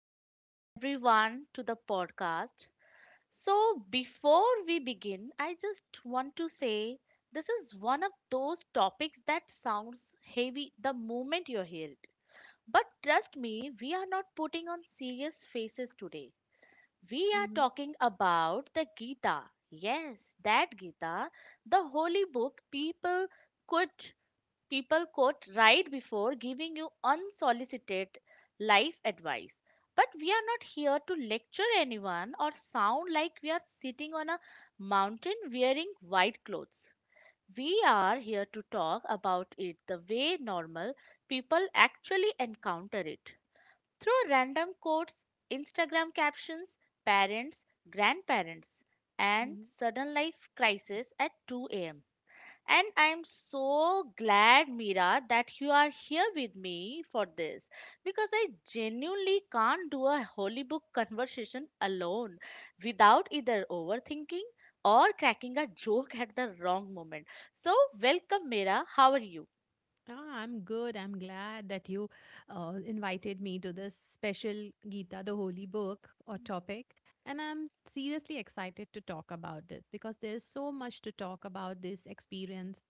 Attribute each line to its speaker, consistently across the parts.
Speaker 1: Hello, everyone, to the podcast. So, before we begin, I just want to say this is one of those topics that sounds heavy the moment you hear it. But trust me, we are not putting on serious faces today. We are
Speaker 2: Mm-hmm.
Speaker 1: talking about the Gita. Yes, that Gita, the holy book could People quote right before giving you unsolicited life advice. But we are not here to lecture anyone or sound like we are sitting on a mountain wearing white clothes. We are here to talk about it the way normal people actually encounter it through random quotes, Instagram captions, parents, grandparents, and
Speaker 2: Mm-hmm.
Speaker 1: sudden life crisis at 2 a.m. And I'm so glad, Mira, that you are here with me for this because I genuinely can't do a holy book conversation alone without either overthinking or cracking a joke at the wrong moment. So, welcome, Mira. How are you?
Speaker 2: Ah, I'm good. I'm glad that you invited me to this special Gita, the holy book or topic. And I'm seriously excited to talk about it because there is so much to talk about this experience.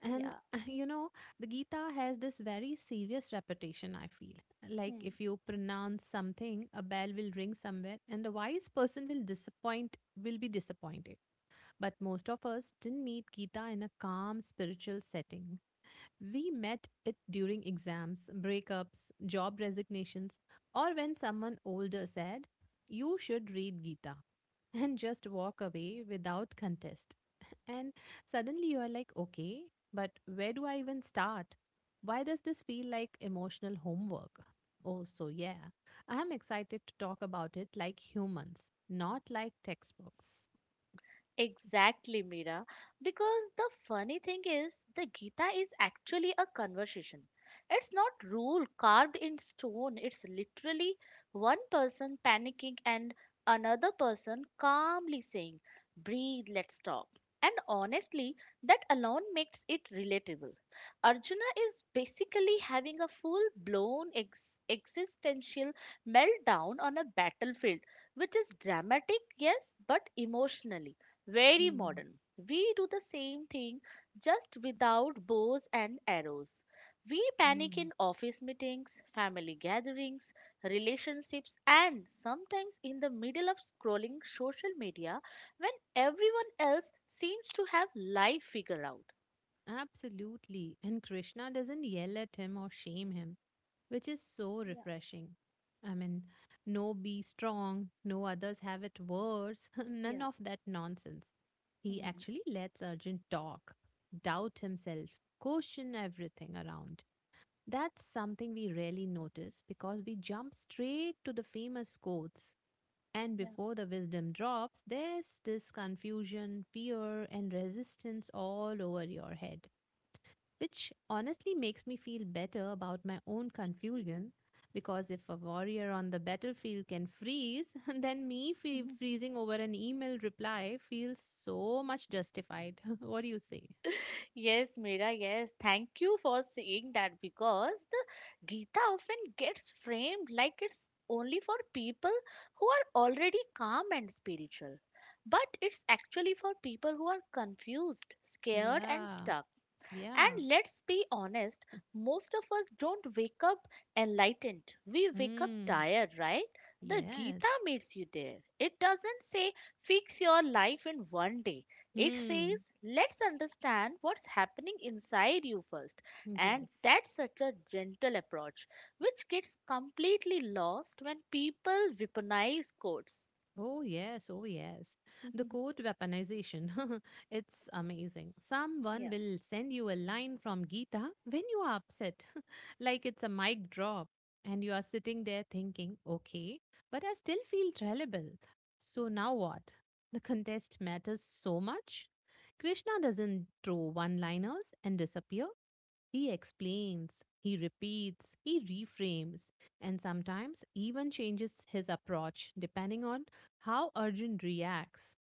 Speaker 2: And,
Speaker 1: Yeah.
Speaker 2: you know, the Gita has this very serious reputation, I feel. Like if you pronounce something, a bell will ring somewhere and the wise person will be disappointed. But most of us didn't meet Gita in a calm spiritual setting. We met it during exams, breakups, job resignations, or when someone older said, "You should read Gita," and just walk away without contest. And suddenly you are like, "Okay, but where do I even start? Why does this feel like emotional homework?" Oh, so yeah, I am excited to talk about it like humans, not like textbooks.
Speaker 1: Exactly, Mira. Because the funny thing is, the Gita is actually a conversation. It's not rule carved in stone. It's literally one person panicking and another person calmly saying, "Breathe, let's talk." And honestly, that alone makes it relatable. Arjuna is basically having a full-blown existential meltdown on a battlefield, which is dramatic, yes, but emotionally very
Speaker 2: Hmm.
Speaker 1: modern. We do the same thing just without bows and arrows. We panic
Speaker 2: Hmm.
Speaker 1: in office meetings, family gatherings, relationships, and sometimes in the middle of scrolling social media when everyone else seems to have life figured out.
Speaker 2: Absolutely. And Krishna doesn't yell at him or shame him, which is so
Speaker 1: Yeah,
Speaker 2: refreshing. I mean, no "be strong", no "others have it worse", none
Speaker 1: yeah,
Speaker 2: of that nonsense. He
Speaker 1: mhm,
Speaker 2: actually lets Arjun talk, doubt himself, question everything around. That's something we rarely notice because we jump straight to the famous quotes. And
Speaker 1: yeah.
Speaker 2: before the wisdom drops, there's this confusion, fear, and resistance all over your head, which honestly makes me feel better about my own confusion. Because if a warrior on the battlefield can freeze, then me freezing over an email reply feels so much justified. What do you say?
Speaker 1: Yes, Mira, yes. Thank you for saying that because the Gita often gets framed like it's only for people who are already calm and spiritual. But it's actually for people who are confused, scared, and
Speaker 2: Yeah,
Speaker 1: stuck. And
Speaker 2: yeah.
Speaker 1: let's be honest, most of us don't wake up enlightened. We wake up
Speaker 2: Mm,
Speaker 1: tired, right? The Gita
Speaker 2: yes.
Speaker 1: meets you there. It doesn't say fix your life in one day. It
Speaker 2: Mm,
Speaker 1: says let's understand what's happening inside you first. And
Speaker 2: yes.
Speaker 1: that's such a gentle approach, which gets completely lost when people weaponize quotes.
Speaker 2: Oh, yes. Oh, yes. The quote weaponization. It's amazing. Someone
Speaker 1: Yeah.
Speaker 2: will send you a line from Gita when you are upset, like it's a mic drop. And you are sitting there thinking, okay, but I still feel terrible. So now what? The contest matters so much. Krishna doesn't throw one liners and disappear. He explains, he repeats, he reframes, and sometimes even changes his approach depending on how Arjun reacts.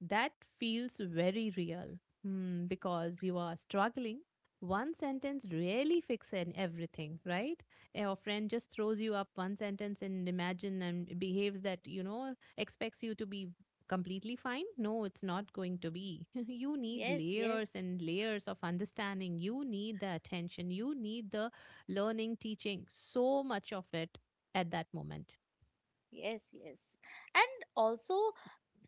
Speaker 2: That feels very real. Hmm, because you are struggling. One sentence really fixes everything, right? Your friend just throws you up one sentence and imagine and behaves that, expects you to be completely fine. No, it's not going to be. You need
Speaker 1: Yes, yes,
Speaker 2: layers and layers of understanding. You need the attention. You need the learning, teaching, so much of it at that moment.
Speaker 1: yes, yes. And also,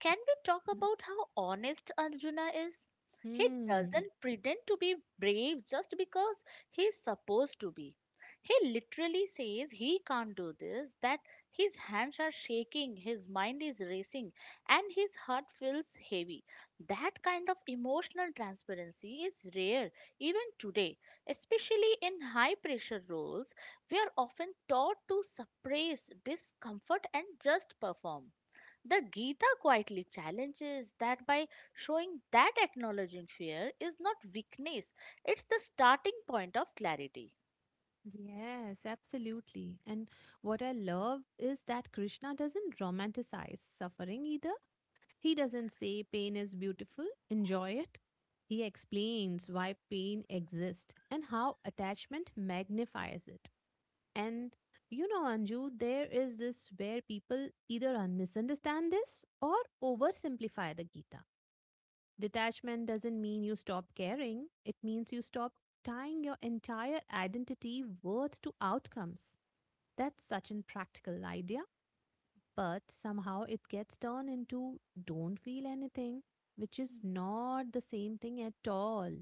Speaker 1: can we talk about how honest Arjuna is? He
Speaker 2: Hmm.
Speaker 1: doesn't pretend to be brave just because he's supposed to be. He literally says he can't do this, that his hands are shaking, his mind is racing, and his heart feels heavy. That kind of emotional transparency is rare even today, especially in high pressure roles. We are often taught to suppress discomfort and just perform. The Gita quietly challenges that by showing that acknowledging fear is not weakness, it's the starting point of clarity.
Speaker 2: Yes, absolutely. And what I love is that Krishna doesn't romanticize suffering either. He doesn't say pain is beautiful, enjoy it. He explains why pain exists and how attachment magnifies it. And you know, Anju, there is this where people either misunderstand this or oversimplify the Gita. Detachment doesn't mean you stop caring, it means you stop tying your entire identity worth to outcomes. That's such an practical idea, but somehow it gets turned into "don't feel anything", which is
Speaker 1: Mm.
Speaker 2: not the same thing at all,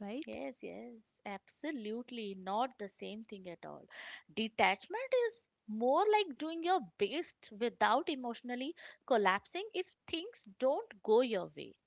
Speaker 2: right?
Speaker 1: Yes, yes, absolutely not the same thing at all. Detachment is more like doing your best without emotionally collapsing if things don't go your way.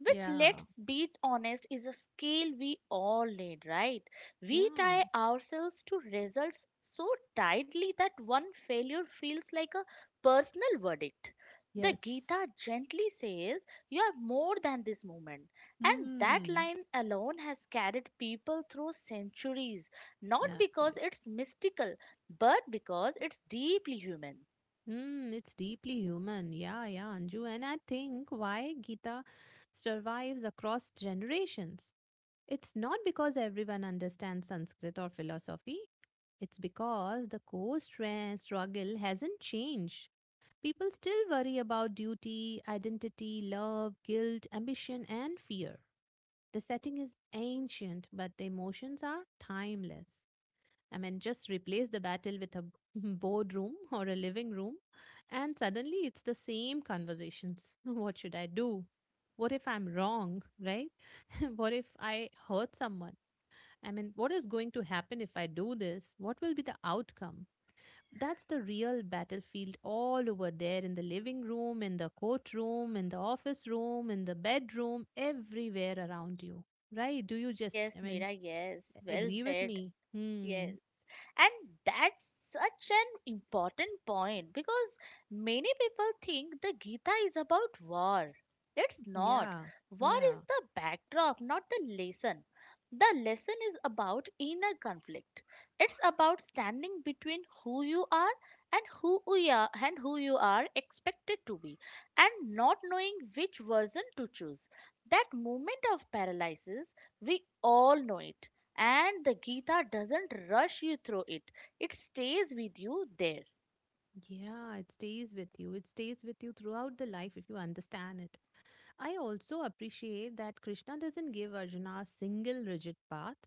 Speaker 1: Which,
Speaker 2: Yeah,
Speaker 1: let's be honest, is a skill we all need, right? We
Speaker 2: yeah,
Speaker 1: tie ourselves to results so tightly that one failure feels like a personal verdict. The
Speaker 2: yes.
Speaker 1: Gita gently says, "You are more than this moment." And that
Speaker 2: Hmm.
Speaker 1: line alone has carried people through centuries, not
Speaker 2: Yeah,
Speaker 1: because
Speaker 2: absolutely.
Speaker 1: it's mystical, but because it's deeply human.
Speaker 2: Mm, it's deeply human. Yeah, yeah, Anju. And I think why Gita survives across generations, it's not because everyone understands Sanskrit or philosophy. It's because the core struggle hasn't changed. People still worry about duty, identity, love, guilt, ambition, and fear. The setting is ancient, but the emotions are timeless. I mean, just replace the battle with a boardroom or a living room, and suddenly it's the same conversations. What should I do? What if I'm wrong, right? What if I hurt someone? I mean, what is going to happen if I do this? What will be the outcome? That's the real battlefield all over there, in the living room, in the courtroom, in the office room, in the bedroom, everywhere around you. Right? Do you just, I
Speaker 1: Yes,
Speaker 2: mean,
Speaker 1: Mira, yes. Well
Speaker 2: agree with
Speaker 1: said.
Speaker 2: me? Hmm.
Speaker 1: Yes. And that's such an important point because many people think the Gita is about war. It's not.
Speaker 2: Yeah.
Speaker 1: War is
Speaker 2: Yeah.
Speaker 1: the backdrop, not the lesson. The lesson is about inner conflict. It's about standing between who you are and who you are expected to be, and not knowing which version to choose. That moment of paralysis, we all know it. And the Gita doesn't rush you through it, it stays with you there.
Speaker 2: Yeah. It stays with you. It stays with you throughout the life if you understand it. I also appreciate that Krishna doesn't give Arjuna a single rigid path.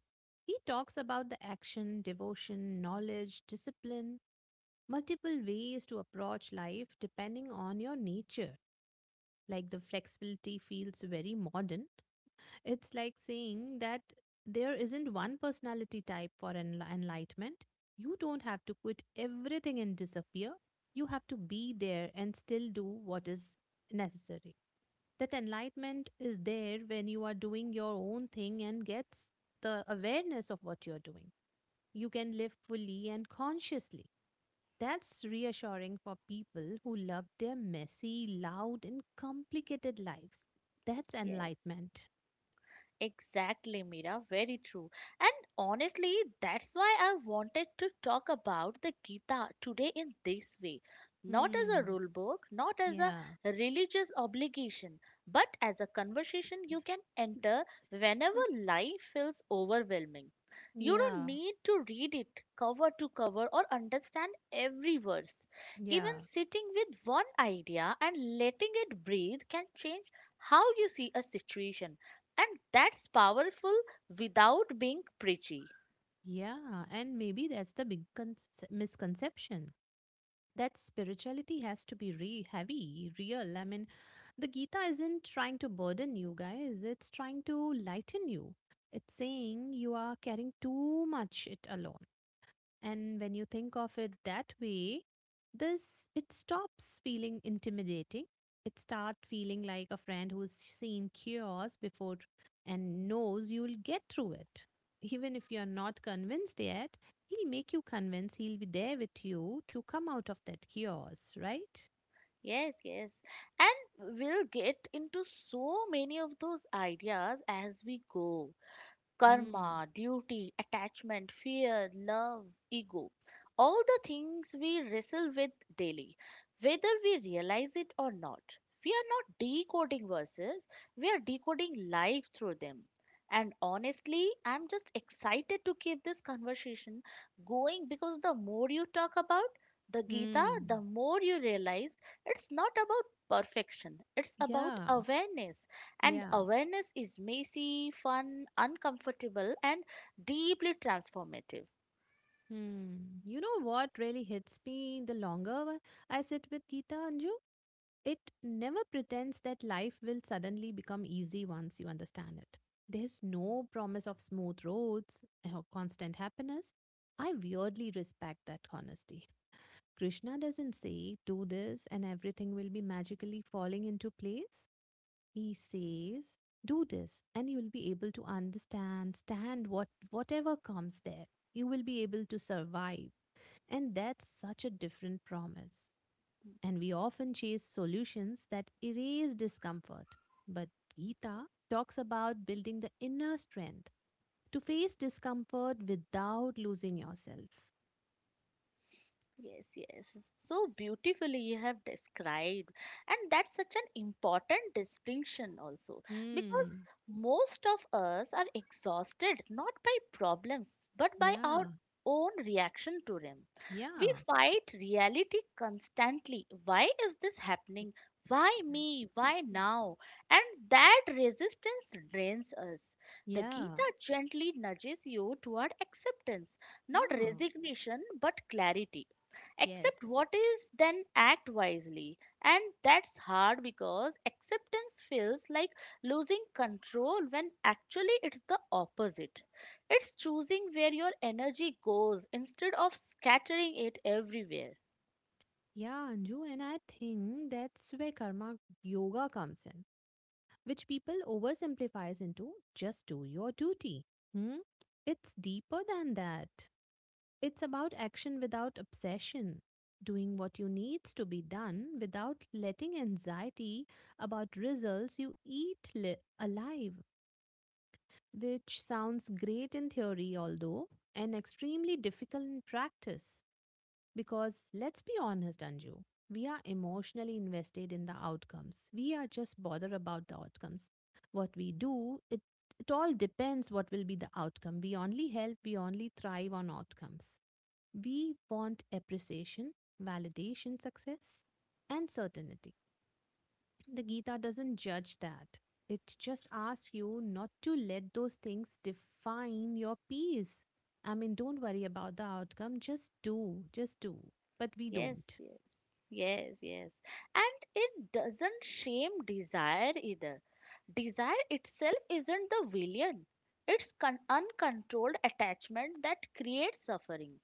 Speaker 2: He talks about the action, devotion, knowledge, discipline, multiple ways to approach life depending on your nature. Like, the flexibility feels very modern. It's like saying that there isn't one personality type for enlightenment. You don't have to quit everything and disappear. You have to be there and still do what is necessary. That enlightenment is there when you are doing your own thing and gets the awareness of what you're doing. You can live fully and consciously. That's reassuring for people who love their messy, loud, and complicated lives. That's
Speaker 1: Yes.
Speaker 2: enlightenment.
Speaker 1: Exactly, Mira. Very true. And honestly, that's why I wanted to talk about the Gita today in this way. Not as a
Speaker 2: Hmm.
Speaker 1: rule book, not as a
Speaker 2: Yeah.
Speaker 1: religious obligation, but as a conversation you can enter whenever
Speaker 2: Mm.
Speaker 1: life feels overwhelming. You don't
Speaker 2: Yeah.
Speaker 1: need to read it cover to cover or understand every verse. Even
Speaker 2: Yeah.
Speaker 1: sitting with one idea and letting it breathe can change how you see a situation, and that's powerful without being preachy.
Speaker 2: Yeah. And maybe that's the big misconception that spirituality has to be heavy, real. I mean, the Gita isn't trying to burden you guys, it's trying to lighten you. It's saying you are carrying too much it alone. And when you think of it that way, this it stops feeling intimidating. It starts feeling like a friend who's seen chaos before and knows you'll get through it. Even if you're not convinced yet, he'll make you convinced, he'll be there with you to come out of that chaos, right?
Speaker 1: Yes, yes. And we'll get into so many of those ideas as we go:
Speaker 2: Hmm.
Speaker 1: karma, duty, attachment, fear, love, ego, all the things we wrestle with daily, whether we realize it or not. We are not decoding verses, we are decoding life through them. And honestly, I'm just excited to keep this conversation going, because the more you talk about the Gita,
Speaker 2: Hmm.
Speaker 1: the more you realize it's not about perfection, it's about
Speaker 2: Yeah.
Speaker 1: awareness. And
Speaker 2: Yeah.
Speaker 1: awareness is messy, fun, uncomfortable, and deeply transformative.
Speaker 2: Hmm. You know what really hits me the longer I sit with Geeta, Anju? It never pretends that life will suddenly become easy once you understand it. There's no promise of smooth roads or constant happiness. I weirdly respect that honesty. Krishna doesn't say, do this and everything will be magically falling into place. He says, do this and you'll be able to stand whatever comes there. You will be able to survive. And that's such a different promise, and we often chase solutions that erase discomfort. But Gita talks about building the inner strength to face discomfort without losing yourself.
Speaker 1: Yes, yes. So beautifully you have described. And that's such an important distinction also, because
Speaker 2: Hmm.
Speaker 1: most of us are exhausted not by problems but by our
Speaker 2: Yeah.
Speaker 1: own reaction to them. We
Speaker 2: Yeah.
Speaker 1: fight reality constantly. Why is this happening? Why me? Why now? And that resistance drains us. The
Speaker 2: Yeah.
Speaker 1: Gita gently nudges you toward acceptance, not
Speaker 2: Yeah.
Speaker 1: resignation but clarity. Accept
Speaker 2: Yes.
Speaker 1: what is, then act wisely. And that's hard, because acceptance feels like losing control, when actually it's the opposite. It's choosing where your energy goes instead of scattering it everywhere.
Speaker 2: Yeah, Anju, and I think that's where karma yoga comes in, which people oversimplifies into just do your duty. Hmm? It's deeper than that. It's about action without obsession, doing what you needs to be done without letting anxiety about results you eat alive, which sounds great in theory although and extremely difficult in practice, because let's be honest, Anju, we are emotionally invested in the outcomes. We are just bothered about the outcomes. What we do, it all depends what will be the outcome. We only help, we only thrive on outcomes. We want appreciation, validation, success, and certainty. The Gita doesn't judge that. It just asks you not to let those things define your peace. I mean, don't worry about the outcome. Just do, just do. But we
Speaker 1: Yes,
Speaker 2: don't.
Speaker 1: yes, yes, yes. And it doesn't shame desire either. Desire itself isn't the villain, it's uncontrolled attachment that creates suffering.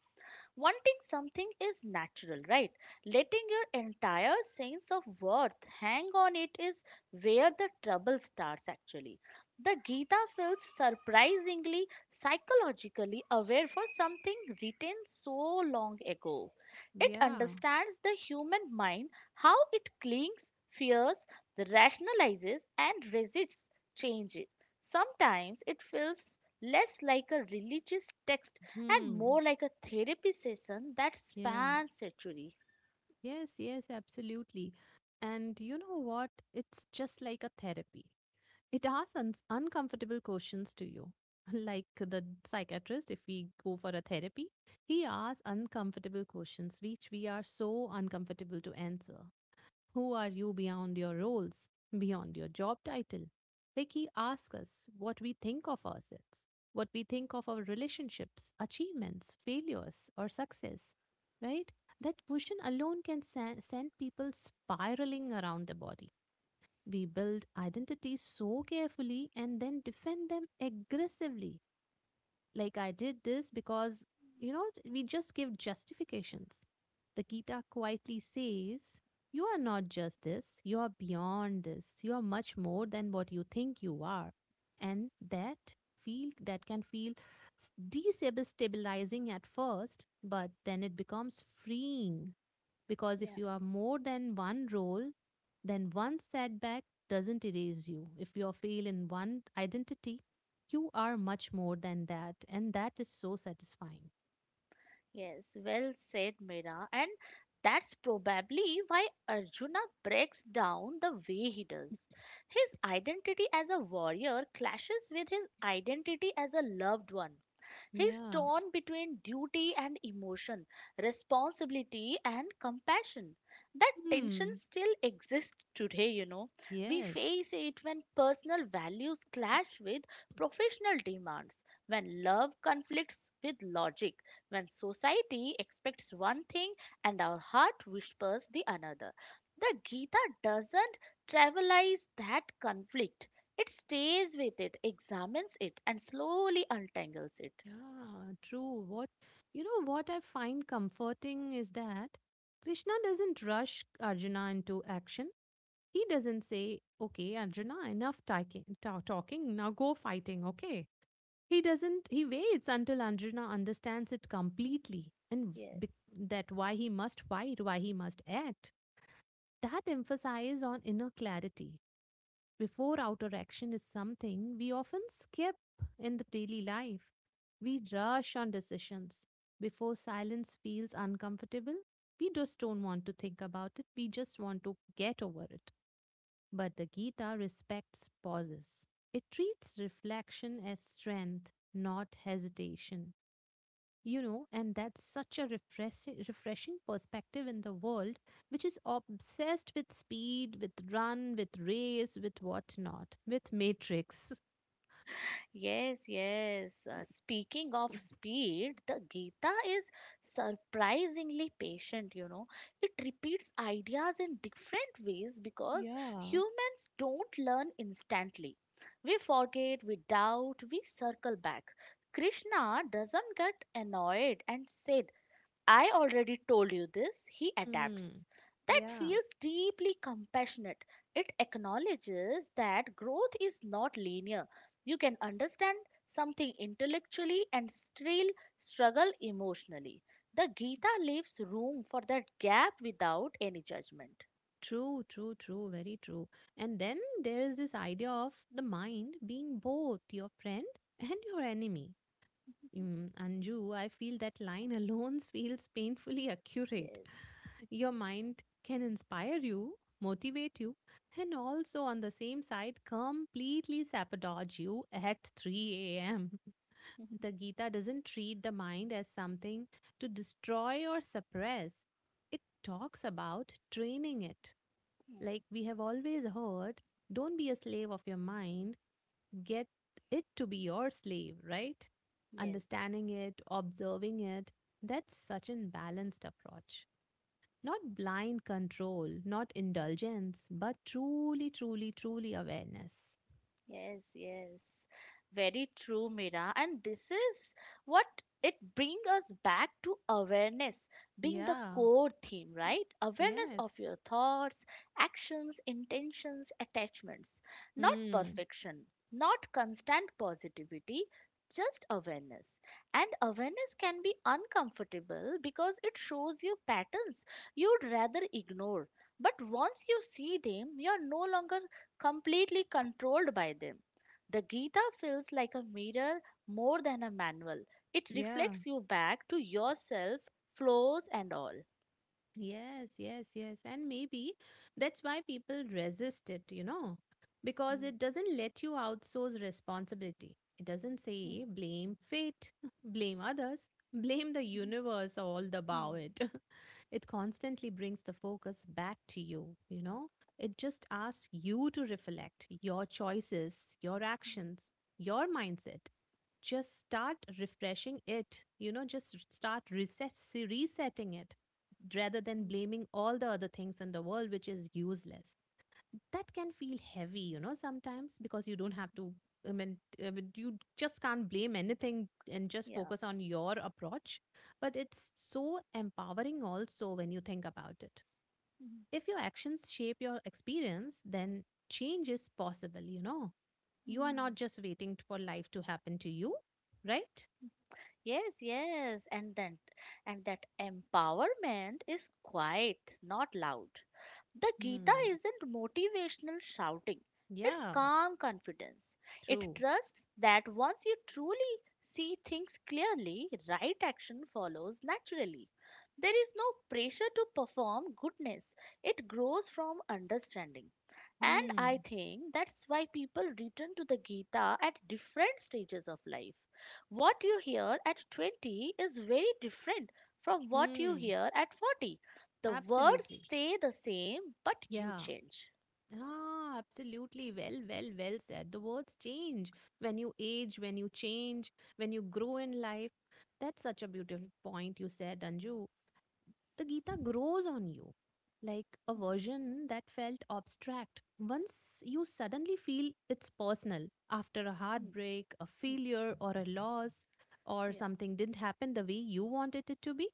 Speaker 1: Wanting something is natural, right? Letting your entire sense of worth hang on it is where the trouble starts, actually. The Gita feels surprisingly psychologically aware for something written so long ago. It
Speaker 2: Yeah.
Speaker 1: understands the human mind, how it clings, fears, rationalizes, and resists change. Sometimes it feels less like a religious text and
Speaker 2: Hmm.
Speaker 1: more like a therapy session that
Speaker 2: Yeah.
Speaker 1: spans century.
Speaker 2: Yes, yes, absolutely. And you know what? It's just like a therapy. It asks uncomfortable questions to you. Like the psychiatrist, if we go for a therapy, he asks uncomfortable questions which we are so uncomfortable to answer. Who are you beyond your roles, beyond your job title? Like, he asks us what we think of ourselves, what we think of our relationships, achievements, failures, or success, right? That question alone can send people spiraling around the body. We build identities so carefully and then defend them aggressively. Like, "I did this because," you know, we just give justifications. The Gita quietly says, you are not just this, you are beyond this, you are much more than what you think you are. And that can feel destabilizing at first, but then it becomes freeing, because
Speaker 1: Yeah.
Speaker 2: if you are more than one role, then one setback doesn't erase you. If you fail in one identity, you are much more than that, and that is so satisfying.
Speaker 1: Yes, well said, Meera. And that's probably why Arjuna breaks down the way he does. His identity as a warrior clashes with his identity as a loved one. He's
Speaker 2: Yeah.
Speaker 1: torn between duty and emotion, responsibility and compassion. That tension
Speaker 2: Hmm.
Speaker 1: still exists today. We
Speaker 2: Yes.
Speaker 1: face it when personal values clash with professional demands, when love conflicts with logic, when society expects one thing and our heart whispers the another. The Gita doesn't trivialize that conflict. It stays with it, examines it, and slowly untangles it.
Speaker 2: Yeah. True. What you know? What I find comforting is that Krishna doesn't rush Arjuna into action. He doesn't say, "Okay, Arjuna, enough talking. Now go fighting." Okay. He doesn't, he waits until Anjana understands it completely
Speaker 1: Yes,
Speaker 2: that why he must fight, why he must act. That emphasis on inner clarity before outer action is something we often skip in the daily life. We rush on decisions. Before silence feels uncomfortable, we just don't want to think about it, we just want to get over it. But the Gita respects pauses. It treats reflection as strength, not hesitation. You know, and that's such a refreshing, refreshing perspective in the world, which is obsessed with speed, with run, with race, with whatnot, with matrix.
Speaker 1: yes, yes. Speaking of speed, the Gita is surprisingly patient. It repeats ideas in different ways because
Speaker 2: Yeah.
Speaker 1: humans don't learn instantly. We forget, we doubt, we circle back. Krishna doesn't get annoyed and says, "I already told you this," he
Speaker 2: Hmm.
Speaker 1: adapts. That
Speaker 2: Yeah.
Speaker 1: feels deeply compassionate. It acknowledges that growth is not linear. You can understand something intellectually and still struggle emotionally. The Gita leaves room for that gap without any judgment.
Speaker 2: True, true, true, very true. And then there is this idea of the mind being both your friend and your enemy. Mm, Anju, I feel that line alone feels painfully accurate.
Speaker 1: Yes.
Speaker 2: Your mind can inspire you, motivate you, and also on the same side completely sabotage you at 3 a.m. The Gita doesn't treat the mind as something to destroy or suppress, it talks about training it. Like we have always heard, don't be a slave of your mind, get it to be your slave, right?
Speaker 1: Yes.
Speaker 2: Understanding it, observing it, that's such an balanced approach. Not blind control, not indulgence, but truly, truly, truly awareness.
Speaker 1: Yes, yes. Very true, Mira. And this is what it brings us back to: awareness being the
Speaker 2: Yeah,
Speaker 1: core theme, right? Awareness of
Speaker 2: yes.
Speaker 1: your thoughts, actions, intentions, attachments. Not
Speaker 2: Hmm.
Speaker 1: perfection, not constant positivity, just awareness. And awareness can be uncomfortable because it shows you patterns you'd rather ignore. But once you see them, you're no longer completely controlled by them. The Gita feels like a mirror more than a manual. It
Speaker 2: Yeah.
Speaker 1: reflects you back to yourself, flaws and all.
Speaker 2: Yes, yes, yes. And maybe that's why people resist it, because
Speaker 1: Hmm.
Speaker 2: it doesn't let you outsource responsibility. It doesn't
Speaker 1: Hmm.
Speaker 2: say blame fate, blame others, blame the universe or all the
Speaker 1: Hmm.
Speaker 2: bow
Speaker 1: Hmm.
Speaker 2: it. It constantly brings the focus back to you, you know. It just asks you to reflect your choices, your
Speaker 1: Hmm.
Speaker 2: actions, your mindset, just start refreshing it, just start recess resetting it, rather than
Speaker 1: Hmm.
Speaker 2: blaming all the other things in the world, which is useless. That can feel heavy, you know, sometimes because you don't have to. I mean, I mean, you just can't blame anything and just
Speaker 1: Yeah.
Speaker 2: focus on your approach. But it's so empowering also when you think about it.
Speaker 1: Hmm.
Speaker 2: If your actions shape your experience, then change is possible, you know. You are not
Speaker 1: Hmm.
Speaker 2: just waiting for life to happen to you, right?
Speaker 1: Yes, yes, and that empowerment is quiet, not loud. The Gita
Speaker 2: Hmm.
Speaker 1: isn't motivational shouting. It's
Speaker 2: Yeah,
Speaker 1: calm confidence. It
Speaker 2: true.
Speaker 1: trusts that once you truly see things clearly, right action follows naturally. There is no pressure to perform goodness. It grows from understanding. And I
Speaker 2: Hmm.
Speaker 1: think that's why people return to the Gita at different stages of life. What you hear at 20 is very different from what you
Speaker 2: Hmm.
Speaker 1: hear at 40. The words
Speaker 2: Absolutely.
Speaker 1: stay the same, but you
Speaker 2: Yeah.
Speaker 1: change.
Speaker 2: Ah, absolutely. Well, said. The words change when you age, when you change, when you grow in life. That's such a beautiful point you said, Anju. The Gita grows on you. Like a
Speaker 1: Mhm,
Speaker 2: version that felt abstract. Once you suddenly feel it's personal after a
Speaker 1: mm,
Speaker 2: heartbreak, a
Speaker 1: mm,
Speaker 2: failure, or a loss, or
Speaker 1: yeah,
Speaker 2: something didn't happen the way you wanted it to be,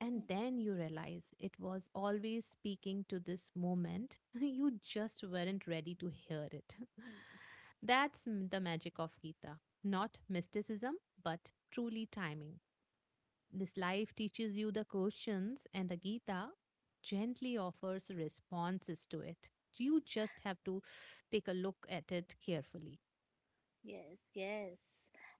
Speaker 2: and
Speaker 1: mm,
Speaker 2: then you realize it was always speaking to this moment. You just weren't ready to hear it. That's the magic of Gita. Not mysticism, but truly timing. This life teaches you the questions, and the Gita gently offers responses to it. You just have to take a look at it carefully.
Speaker 1: yes, yes.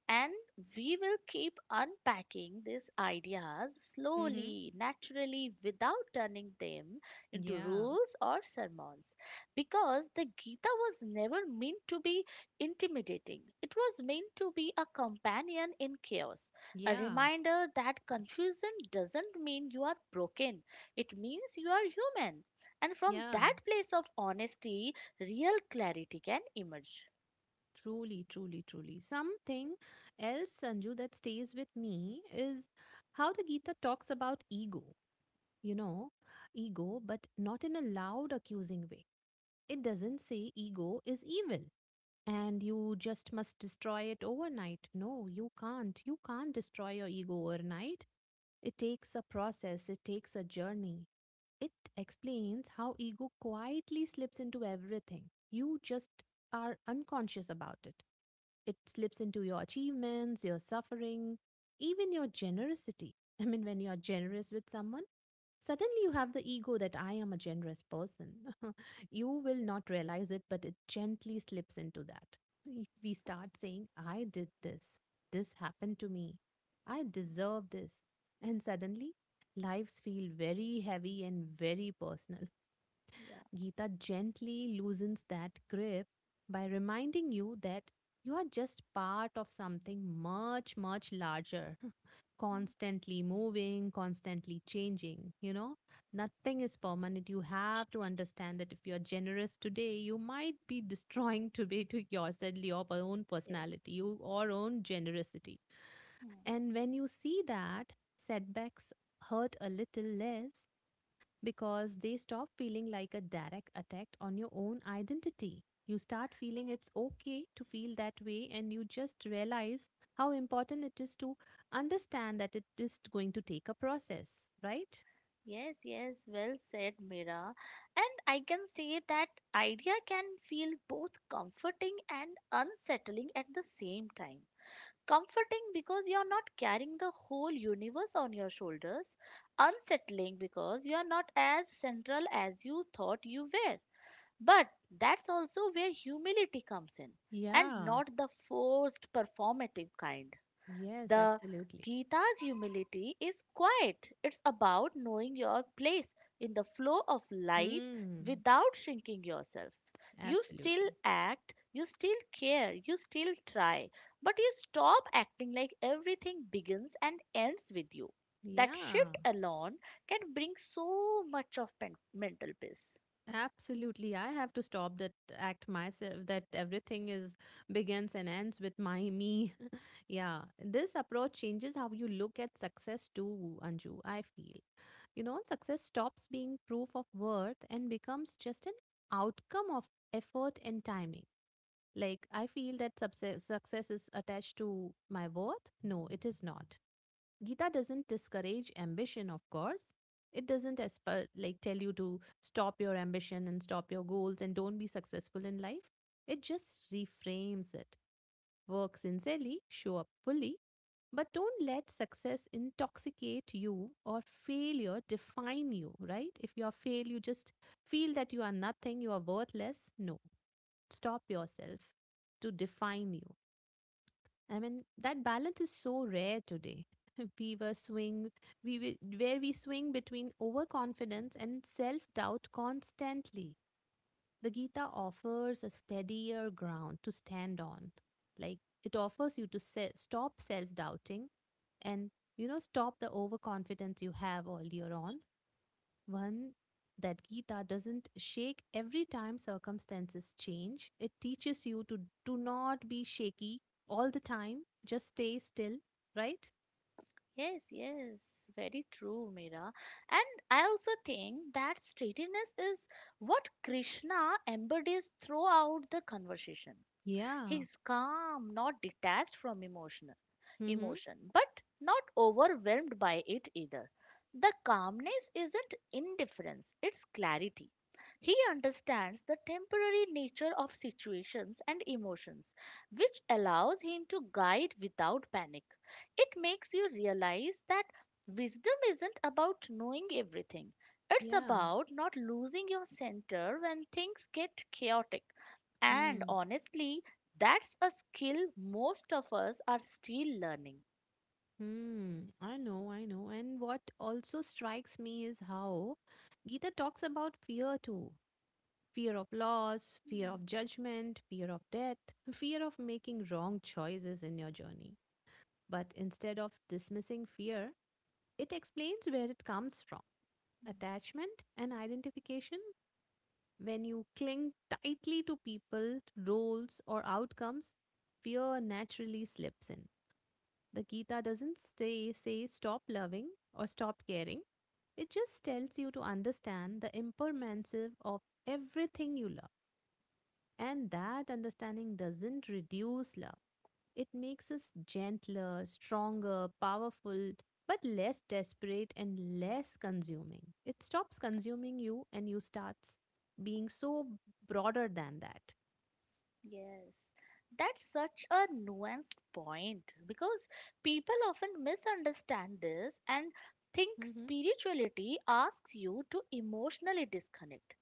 Speaker 1: And we will keep unpacking these ideas
Speaker 2: Hmm.
Speaker 1: slowly, naturally, without turning them into
Speaker 2: Yeah.
Speaker 1: rules or sermons. Because the Gita was never meant to be intimidating, it was meant to be a companion in chaos, a
Speaker 2: Yeah.
Speaker 1: reminder that confusion doesn't mean you are broken, it means you are human. And from
Speaker 2: Yeah.
Speaker 1: that place of honesty, real clarity can emerge.
Speaker 2: Truly, truly, truly. Something else, Sanju, that stays with me is how the Gita talks about ego, you know, ego, but not in a loud, accusing way. It doesn't say ego is evil and you just must destroy it overnight. No, you can't. You can't destroy your ego overnight. It takes a process, it takes a journey. It explains how ego quietly slips into everything. You just are unconscious about it. It slips into your achievements, your suffering, even your generosity. I mean, when you're generous with someone, suddenly you have the ego that I am a generous person. You will not realize it, but it gently slips into that. We start saying, I did this. This happened to me. I deserve this. And suddenly, lives feel very heavy and very personal.
Speaker 1: Yeah.
Speaker 2: Gita gently loosens that grip by reminding you that you are just part of something much, much larger, constantly moving, constantly changing. You know, nothing is permanent. You have to understand that if you're generous today, you might be destroying today to your sadly your own
Speaker 1: Yes.
Speaker 2: personality, you own generosity.
Speaker 1: Hmm.
Speaker 2: And when you see that, setbacks hurt a little less because they stop feeling like a direct attack on your own identity. You start feeling it's okay to feel that way, and you just realize how important it is to understand that it is going to take a process, right?
Speaker 1: Yes, yes, well said, Mira. And I can say that idea can feel both comforting and unsettling at the same time. Comforting because you are not carrying the whole universe on your shoulders, unsettling because you are not as central as you thought you were. But that's also where humility comes in, and
Speaker 2: Yeah.
Speaker 1: not the forced performative kind.
Speaker 2: Yes,
Speaker 1: The
Speaker 2: absolutely.
Speaker 1: Gita's humility is quiet. It's about knowing your place in the flow of life
Speaker 2: Hmm.
Speaker 1: without shrinking yourself. You still
Speaker 2: Absolutely.
Speaker 1: act, you still care, you still try, but you stop acting like everything begins and ends with you. That
Speaker 2: Yeah.
Speaker 1: shift alone can bring so much of mental peace.
Speaker 2: Absolutely. I have to stop that act myself that everything is begins and ends with my me. Yeah. This approach changes how you look at success too, Anju, I feel. You know, success stops being proof of worth and becomes just an outcome of effort and timing. Like I feel that success is attached to my worth. No, it is not. Gita doesn't discourage ambition, of course. It doesn't like tell you to stop your ambition and stop your goals and don't be successful in life. It just reframes it. Work sincerely, show up fully, but don't let success intoxicate you or failure define you, right? If you are failed, you just feel that you are nothing, you are worthless. No, stop yourself to define you. I mean, that balance is so rare today. We were swing, we wi- where we swing between overconfidence and self-doubt constantly. The Gita offers a steadier ground to stand on. Like it offers you to stop self-doubting and, you know, stop the overconfidence you have earlier on one that Gita doesn't shake every time circumstances change. It teaches you to do not be shaky all the time, just stay still, right?
Speaker 1: Yes, yes, very true, Mira. And I also think that steadiness is what Krishna embodies throughout the conversation.
Speaker 2: Yeah.
Speaker 1: He's calm, not detached from emotion,
Speaker 2: Mm-hmm.
Speaker 1: emotion, but not overwhelmed by it either. The calmness isn't indifference, it's clarity. He understands the temporary nature of situations and emotions, which allows him to guide without panic. It makes you realize that wisdom isn't about knowing everything, it's
Speaker 2: Yeah.
Speaker 1: about not losing your center when things get chaotic. And
Speaker 2: Hmm.
Speaker 1: honestly, that's a skill most of us are still learning.
Speaker 2: Hmm. I know, I know. And what also strikes me is how Gita talks about fear too. Fear of loss, fear
Speaker 1: Hmm.
Speaker 2: of judgment, fear of death, fear of making wrong choices in your journey. But instead of dismissing fear, it explains where it comes from: attachment and identification. When you cling tightly to people, roles, or outcomes, fear naturally slips in. The Gita doesn't say, stop loving or stop caring. It just tells you to understand the impermanence of everything you love, and that understanding doesn't reduce love. It makes us gentler, stronger, powerful, but less desperate and less consuming. It stops consuming you and you starts being so broader than that.
Speaker 1: Yes. That's such a nuanced point because people often misunderstand this and think
Speaker 2: Mm-hmm.
Speaker 1: spirituality asks you to emotionally disconnect.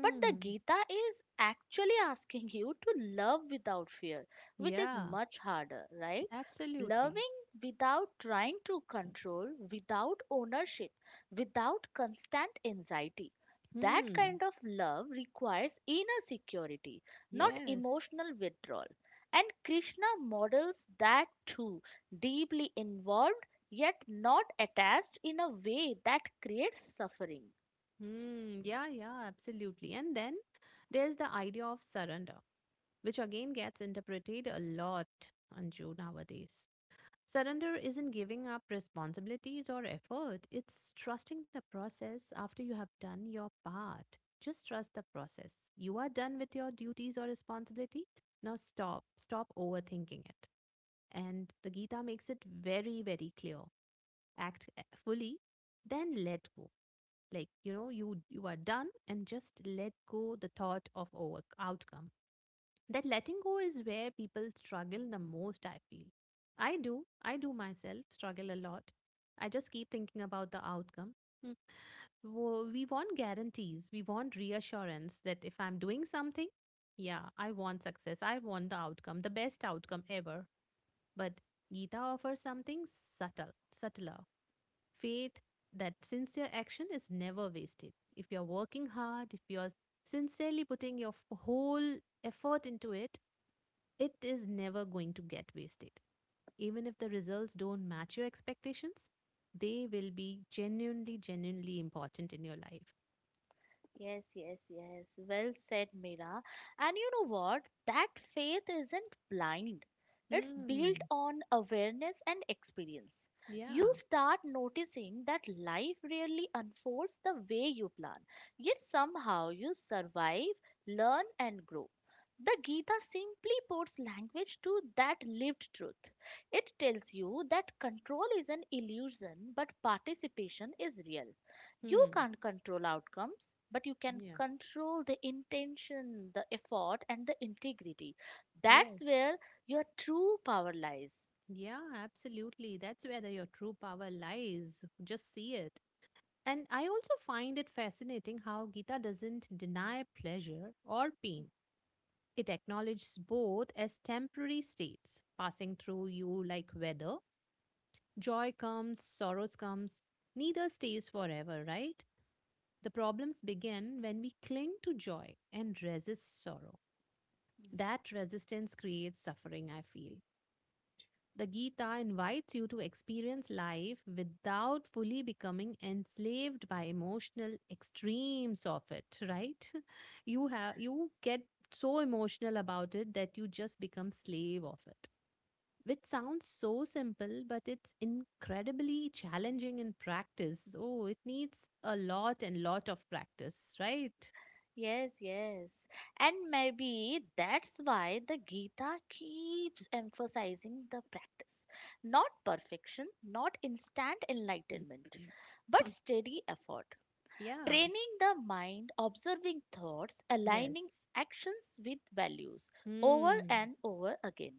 Speaker 1: But the Gita is actually asking you to love without fear, which is
Speaker 2: Yeah,
Speaker 1: much harder, right?
Speaker 2: absolutely.
Speaker 1: Loving without trying to control, without ownership, without constant anxiety. That
Speaker 2: Hmm.
Speaker 1: kind of love requires inner security, not
Speaker 2: Yes.
Speaker 1: emotional withdrawal. And Krishna models that too, deeply involved yet not attached in a way that creates suffering.
Speaker 2: Hmm. Yeah, yeah, absolutely. And then there's the idea of surrender, which again gets interpreted a lot, Anju, nowadays. Surrender isn't giving up responsibilities or effort, it's trusting the process after you have done your part. Just trust the process. You are done with your duties or responsibility. Now stop overthinking it. And the Gita makes it very, very clear. Act fully, then let go. Like, you know, you are done and just let go the thought of over outcome. That letting go is where people struggle the most, I feel. I do myself struggle a lot. I just keep thinking about the outcome. Hmm. We want guarantees, we want reassurance that if I'm doing something, yeah, I want success, I want the outcome, the best outcome ever. But Gita offers something subtle, subtler, faith that sincere action is never wasted. If you're working hard, if you're sincerely putting your whole effort into it, it is never going to get wasted. Even if the results don't match your expectations, they will be genuinely, genuinely important in your life.
Speaker 1: Yes, yes, yes. Well said, Mira. And you know what? That faith isn't blind. It's built
Speaker 2: Hmm.
Speaker 1: on awareness and experience. You
Speaker 2: Yeah.
Speaker 1: start noticing that life really unfolds the way you plan, yet somehow you survive, learn, and grow. The Gita simply puts language to that lived truth. It tells you that control is an illusion, but participation is real. You
Speaker 2: Hmm.
Speaker 1: can't control outcomes, but you can
Speaker 2: Yeah.
Speaker 1: control the intention, the effort, and the integrity. That's
Speaker 2: Yes.
Speaker 1: where your true power lies.
Speaker 2: Yeah, absolutely. That's where the, your true power lies. Just see it. And I also find it fascinating how Gita doesn't deny pleasure or pain. It acknowledges both as temporary states passing through you like weather. Joy comes, sorrows comes. Neither stays forever, right? The problems begin when we cling to joy and resist sorrow. That resistance creates suffering, I feel. The Gita invites you to experience life without fully becoming enslaved by emotional extremes of it, right? You have you get so emotional about it that you just become slave of it. Which sounds so simple, but it's incredibly challenging in practice. Oh, it needs a lot and lot of practice, right?
Speaker 1: Yes, yes. And maybe that's why the Gita keeps emphasizing the practice, not perfection, not instant enlightenment, but steady effort,
Speaker 2: Yeah.
Speaker 1: training the mind, observing thoughts, aligning
Speaker 2: Yes.
Speaker 1: actions with values over
Speaker 2: Hmm.
Speaker 1: and over again.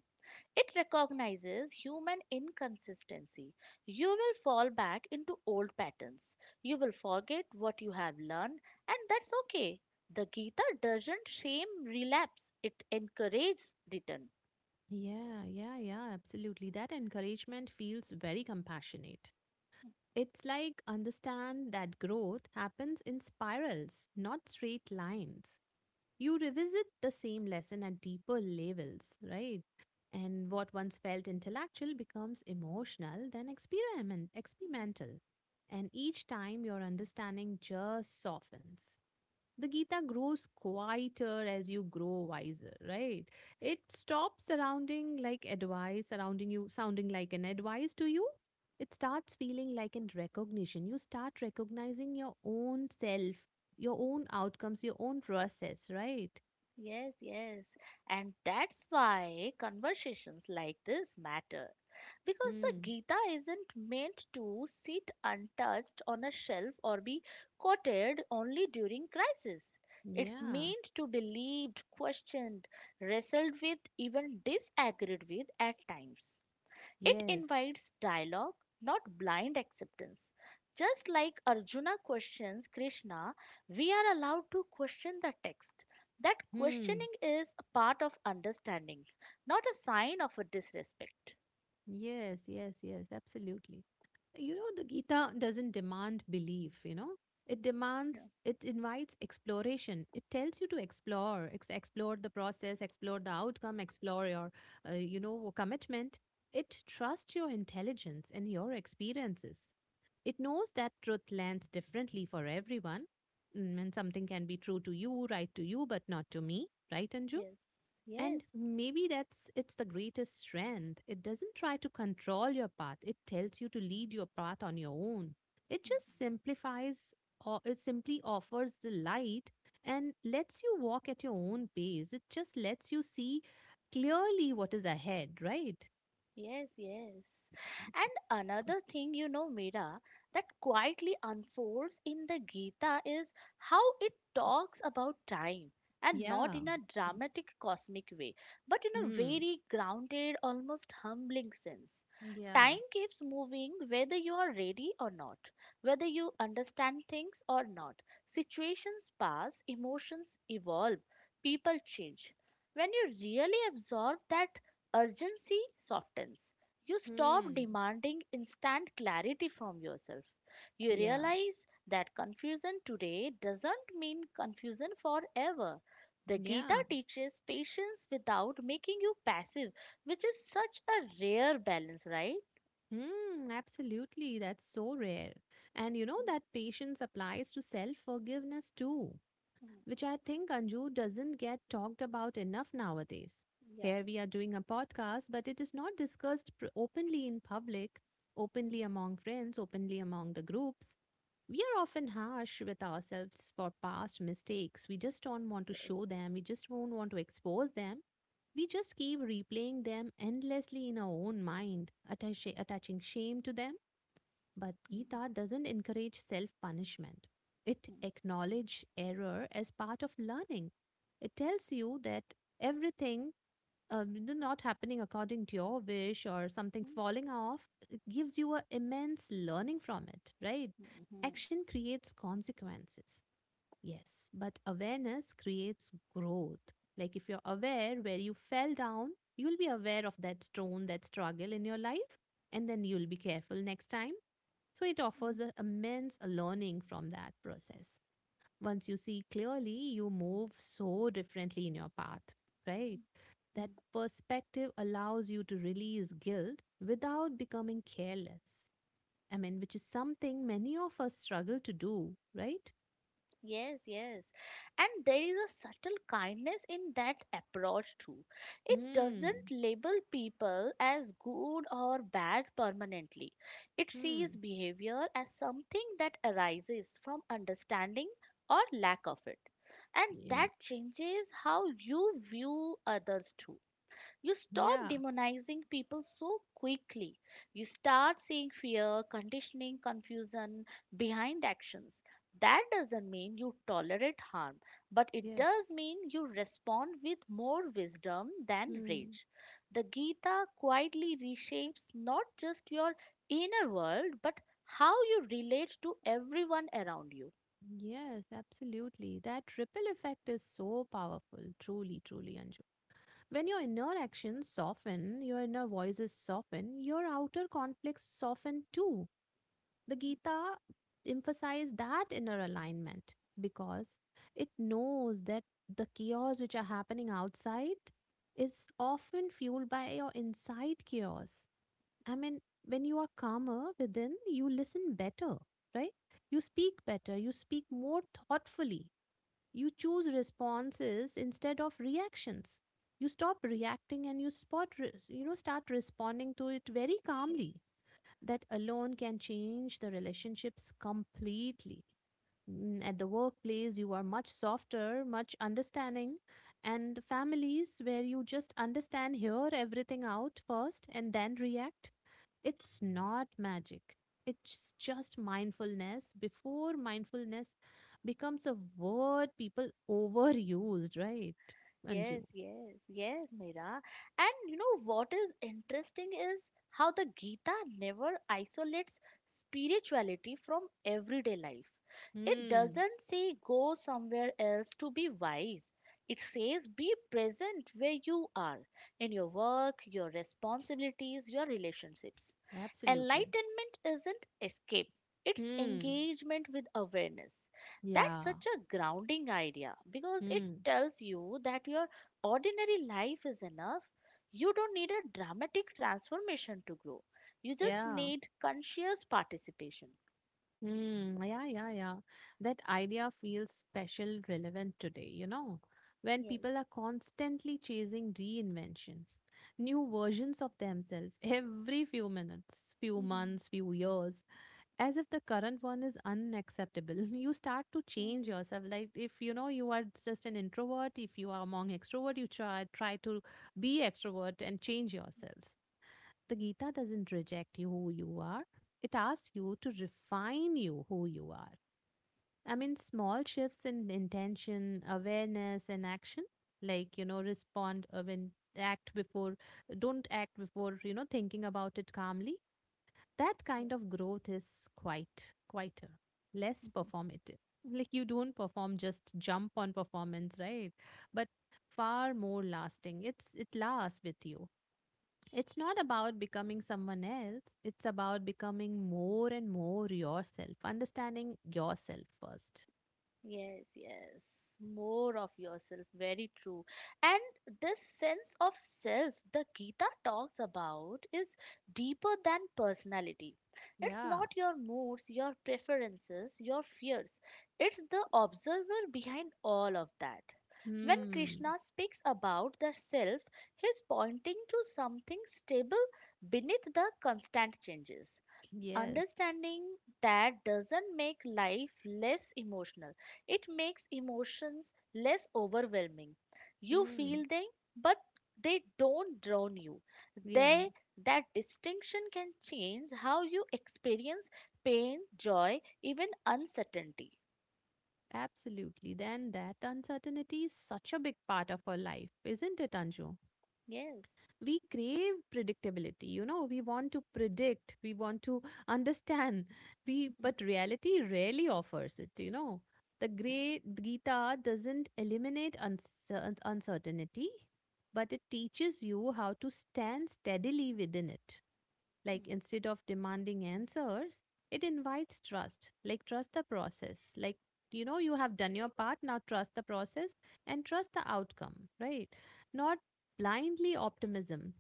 Speaker 1: It recognizes human inconsistency. You will fall back into old patterns. You will forget what you have learned, and that's okay. The Gita doesn't shame relapse, it encourages return.
Speaker 2: Yeah, yeah, yeah, absolutely. That encouragement feels very compassionate. It's like understand that growth happens in spirals, not straight lines. You revisit the same lesson at deeper levels, right? And what once felt intellectual becomes emotional, then experimental. And each time your understanding just softens. The Gita grows quieter as you grow wiser, right? It stops surrounding like advice, surrounding you, sounding like an advice to you. It starts feeling like an recognition. You start recognizing your own self, your own outcomes, your own process, right?
Speaker 1: Yes, yes. And that's why conversations like this matter. Because the
Speaker 2: Mm.
Speaker 1: Gita isn't meant to sit untouched on a shelf or be quoted only during crisis. It's
Speaker 2: Yeah.
Speaker 1: meant to be lived, questioned, wrestled with, even disagreed with at times. It
Speaker 2: Yes.
Speaker 1: invites dialogue, not blind acceptance. Just like Arjuna questions Krishna, we are allowed to question the text. That
Speaker 2: Hmm.
Speaker 1: questioning is a part of understanding, not a sign of a disrespect.
Speaker 2: Yes, yes, yes, absolutely. You know, the Gita doesn't demand belief, you know, it demands, it invites exploration. It tells you to explore, explore the process, explore the outcome, explore your, you know, commitment. It trusts your intelligence and your experiences. It knows that truth lands differently for everyone. Mm. And something can be true to you, right to you, but not to me, right, Anju?
Speaker 1: Yes,
Speaker 2: And maybe that's it's the greatest strength. It doesn't try to control your path. It tells you to lead your path on your own. It
Speaker 1: yes.
Speaker 2: just simplifies or it simply offers the light and lets you walk at your own pace. It just lets you see clearly what is ahead, right?
Speaker 1: Yes, yes. And another thing, you know, Mira, that quietly unfolds in the Gita is how it talks about time, and not
Speaker 2: Yeah.
Speaker 1: in a dramatic cosmic way, but in a
Speaker 2: Hmm.
Speaker 1: very grounded, almost humbling sense.
Speaker 2: Yeah.
Speaker 1: Time keeps moving whether you are ready or not, whether you understand things or not. Situations pass, emotions evolve, people change. When you really absorb that, urgency softens. You stop
Speaker 2: Hmm.
Speaker 1: demanding instant clarity from yourself. You
Speaker 2: Yeah.
Speaker 1: realize that confusion today doesn't mean confusion forever. The Gita
Speaker 2: Yeah.
Speaker 1: teaches patience without making you passive, which is such a rare balance, right?
Speaker 2: Hmm. Absolutely. That's so rare. And you know that patience applies to self-forgiveness too,
Speaker 1: Mm.
Speaker 2: which I think Anju doesn't get talked about enough nowadays.
Speaker 1: Yeah.
Speaker 2: Here we are doing a podcast, but it is not discussed openly in public, openly
Speaker 1: Mm.
Speaker 2: among friends, openly among the groups. We are often harsh with ourselves for past mistakes. We just don't want to
Speaker 1: Yes.
Speaker 2: show them. We just don't want to expose them. We just keep replaying them endlessly in our own mind, attaching shame to them. But
Speaker 1: Mm,
Speaker 2: Gita doesn't encourage self punishment. It
Speaker 1: mm,
Speaker 2: acknowledges error as part of learning. It tells you that everything, not happening according to your wish or something
Speaker 1: mm,
Speaker 2: falling off, it gives you an immense learning from it, right?
Speaker 1: mm,
Speaker 2: Action creates consequences. Yes, but awareness creates growth. Like if you're aware where you fell down, you'll be aware of that stone, that struggle in your life, and then you'll be careful next time. So it
Speaker 1: mm, mm,
Speaker 2: offers a immense learning from that process. Once you see clearly, you move so differently in your path, right?
Speaker 1: mm,
Speaker 2: That
Speaker 1: mm.
Speaker 2: perspective allows you to release guilt without becoming careless. I mean, which is something many of us struggle to do, right?
Speaker 1: Yes, yes. And there is a subtle kindness in that approach too. It doesn't
Speaker 2: Hmm.
Speaker 1: label people as good or bad permanently. It sees
Speaker 2: Hmm.
Speaker 1: behavior as something that arises from understanding, or lack of it. And that
Speaker 2: Yeah.
Speaker 1: changes how you view others too. You stop
Speaker 2: Yeah.
Speaker 1: demonizing people so quickly. You start seeing fear, conditioning, confusion behind actions. That doesn't mean you tolerate harm, but it
Speaker 2: Yes.
Speaker 1: does mean you respond with more wisdom than
Speaker 2: Hmm.
Speaker 1: rage. The Gita quietly reshapes not just your inner world, but how you relate to everyone around you.
Speaker 2: Yes, absolutely. That ripple effect is so powerful, truly, truly, Anju. When your inner actions soften, your inner voices soften, your outer conflicts soften too. The Gita emphasizes that inner alignment because it knows that the chaos which are happening outside is often fueled by your inside chaos. I mean, when you are calmer within, you listen better, right? You speak better, you speak more thoughtfully, you choose responses instead of reactions. You stop reacting and you spot, you know, start responding to it very calmly. That alone can change the relationships completely, mm, at the workplace you are much softer, much understanding, and the families where you just understand, hear everything out first and then react. It's not magic, it's just mindfulness before mindfulness becomes a word people overused, right, Anju?
Speaker 1: Yes, yes, yes, Meera. And you know what is interesting is how the Gita never isolates spirituality from everyday life. It
Speaker 2: Hmm.
Speaker 1: doesn't say go somewhere else to be wise. It says be present where you are, in your work, your responsibilities, your relationships.
Speaker 2: Absolutely.
Speaker 1: Enlightenment isn't escape, it's
Speaker 2: Hmm.
Speaker 1: engagement with awareness. That's
Speaker 2: Yeah.
Speaker 1: such a grounding idea because it
Speaker 2: Hmm.
Speaker 1: tells you that your ordinary life is enough. You don't need a dramatic transformation to grow, you just
Speaker 2: Yeah.
Speaker 1: need conscious participation.
Speaker 2: Hmm. Yeah, yeah, yeah. That idea feels special relevant today, you know, when
Speaker 1: Yes.
Speaker 2: people are constantly chasing reinvention, new versions of themselves every few minutes, few
Speaker 1: Mhm.
Speaker 2: months, few years, as if the current one is unacceptable. You start to change yourself. Like if you know you are just an introvert, if you are among extrovert, you try to be extrovert and change yourselves. The Gita doesn't reject you who you are, it asks you to refine you who you are. I
Speaker 1: Mhm.
Speaker 2: mean, small shifts in intention, awareness, and action, like, you know, respond when act before, don't act before, you know, thinking about it calmly. That kind of growth is quite quieter, less
Speaker 1: Yes.
Speaker 2: performative. Like, you don't perform, just jump on performance, right? But far more lasting. It lasts with you. It's not about becoming someone else. It's about becoming more and more yourself, understanding yourself first.
Speaker 1: Yes, yes. More of yourself. Very true. And this sense of self the Gita talks about is deeper than personality. It's
Speaker 2: Yeah.
Speaker 1: not your moods, your preferences, your fears. It's the observer behind all of that. When
Speaker 2: Hmm.
Speaker 1: Krishna speaks about the self, he's pointing to something stable beneath the constant changes.
Speaker 2: Yes.
Speaker 1: Understanding that doesn't make life less emotional, it makes emotions less overwhelming. You
Speaker 2: Hmm.
Speaker 1: feel them, but they don't drown you.
Speaker 2: Yeah.
Speaker 1: They— that distinction can change how you experience pain, joy, even uncertainty.
Speaker 2: Absolutely. Then that uncertainty is such a big part of our life, isn't it, Anju?
Speaker 1: Yes.
Speaker 2: We crave predictability, you know, we want to predict, we want to understand, we
Speaker 1: Mhm,
Speaker 2: but reality rarely offers it, you know. The great Gita doesn't eliminate uncertainty, but it teaches you how to stand steadily within it. Like
Speaker 1: mhm,
Speaker 2: instead of demanding answers, it invites trust, like trust the process, like you know you have done your part, now trust the process and trust the outcome, right? Not blindly optimism,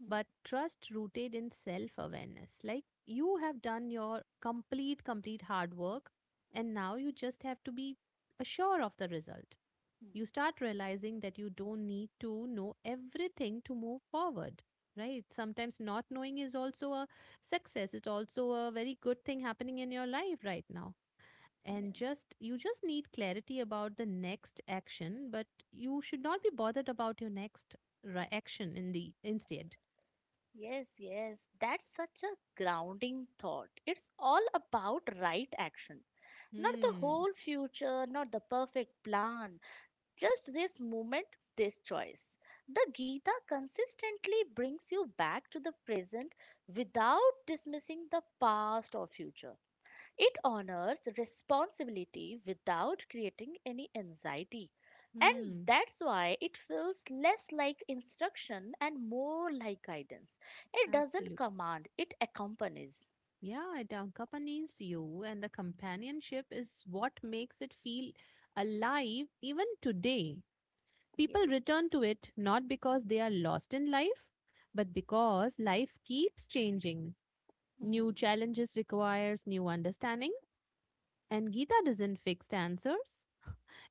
Speaker 1: mhm,
Speaker 2: but trust rooted in self awareness. Like you have done your complete, complete hard work, and now you just have to be assured of the result.
Speaker 1: mhm.
Speaker 2: You start realizing that you don't need to know everything to move forward, right? Sometimes not knowing is also a success, it's also a very good thing happening in your life right now,
Speaker 1: Yeah.
Speaker 2: and just you just need clarity about the next action but you should not be bothered about your next action in the instead.
Speaker 1: Yes, yes, that's such a grounding thought. It's all about right action. Not the
Speaker 2: Hmm.
Speaker 1: whole future, not the perfect plan, just this moment, this choice. The Gita consistently brings you back to the present without dismissing the past or future. It honors responsibility without creating any anxiety. And
Speaker 2: Hmm.
Speaker 1: that's why it feels less like instruction and more like guidance. It doesn't
Speaker 2: Absolutely.
Speaker 1: command, it accompanies.
Speaker 2: Yeah, it accompanies you and the companionship is what makes it feel alive even today. People
Speaker 1: Yes.
Speaker 2: return to it not because they are lost in life but because life keeps changing. New
Speaker 1: Hmm.
Speaker 2: challenges requires new understanding, and Gita doesn't fix answers.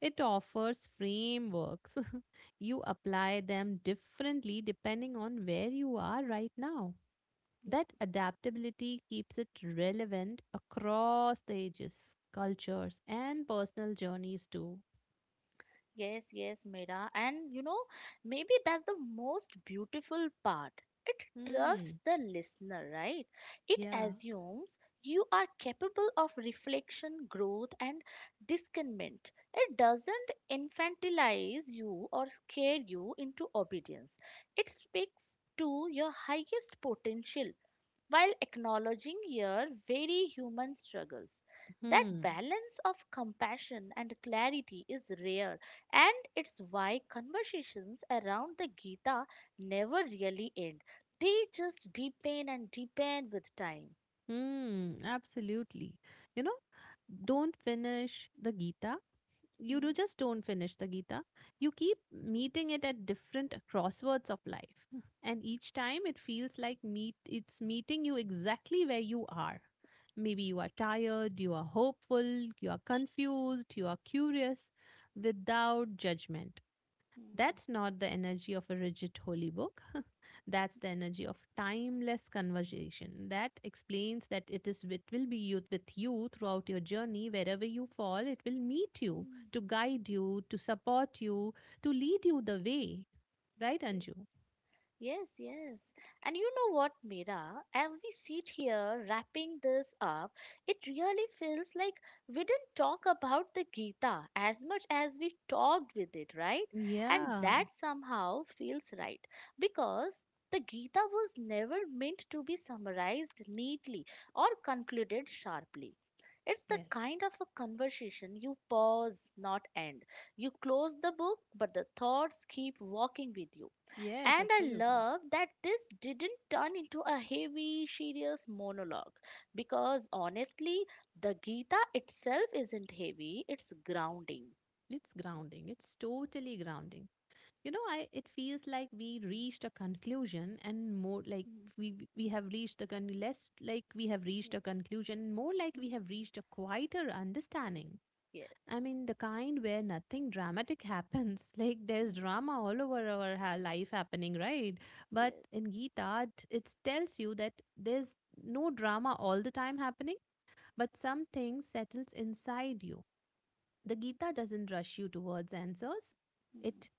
Speaker 2: It offers frameworks. You apply them differently depending on where you are right now. That adaptability keeps it relevant across the ages, cultures, and personal journeys too.
Speaker 1: Yes, yes, Mira. And you know, maybe that's the most beautiful part. It trusts
Speaker 2: Hmm.
Speaker 1: the listener, right? It
Speaker 2: Yeah.
Speaker 1: assumes you are capable of reflection, growth, and discernment. It doesn't infantilize you or scare you into obedience. It speaks to your highest potential while acknowledging your very human struggles. That
Speaker 2: Hmm.
Speaker 1: balance of compassion and clarity is rare, and it's why conversations around the Gita never really end. They just deepen and deepen with time.
Speaker 2: Hmm. Absolutely. You know, don't finish the Gita, you do
Speaker 1: Hmm,
Speaker 2: just don't finish the Gita. You keep meeting it at different crosswords of life. And each time it feels like meet it's meeting you exactly where you are. Maybe you are tired, you are hopeful, you are confused, you are curious, without judgment.
Speaker 1: hmm,
Speaker 2: That's not the energy of a rigid holy book. That's the energy of timeless conversation. That explains that it will be you with you throughout your journey. Wherever you fall, it will meet you
Speaker 1: hmm,
Speaker 2: to guide you, to support you, to lead you the way. Right,
Speaker 1: hmm.
Speaker 2: Anju?
Speaker 1: Yes, yes. And you know what, Mira? As we sit here wrapping this up, it really feels like we didn't talk about the Gita as much as we talked with it, right? And
Speaker 2: Yeah.
Speaker 1: that somehow feels right because the Gita was never meant to be summarized neatly or concluded sharply. It's the
Speaker 2: Yes.
Speaker 1: kind of a conversation you pause, not end. You close the book, but the thoughts keep walking with you.
Speaker 2: Yes,
Speaker 1: And I
Speaker 2: absolutely.
Speaker 1: love that this didn't turn into a heavy, serious monologue because honestly, the Gita itself isn't heavy, it's grounding.
Speaker 2: It's grounding. It's totally grounding. You know, I it feels like we reached a conclusion and more like
Speaker 1: Mm.
Speaker 2: we we have reached less like we have reached
Speaker 1: Yes.
Speaker 2: a conclusion, more like we
Speaker 1: Mm.
Speaker 2: have reached a quieter understanding.
Speaker 1: Yes.
Speaker 2: I mean, the kind where nothing dramatic happens, like
Speaker 1: Mm.
Speaker 2: there's drama all over our life happening, right?
Speaker 1: Yes.
Speaker 2: But in Gita, it tells you that there's no drama all the time happening, but something settles inside you. The Gita doesn't rush you towards answers.
Speaker 1: Mm.
Speaker 2: It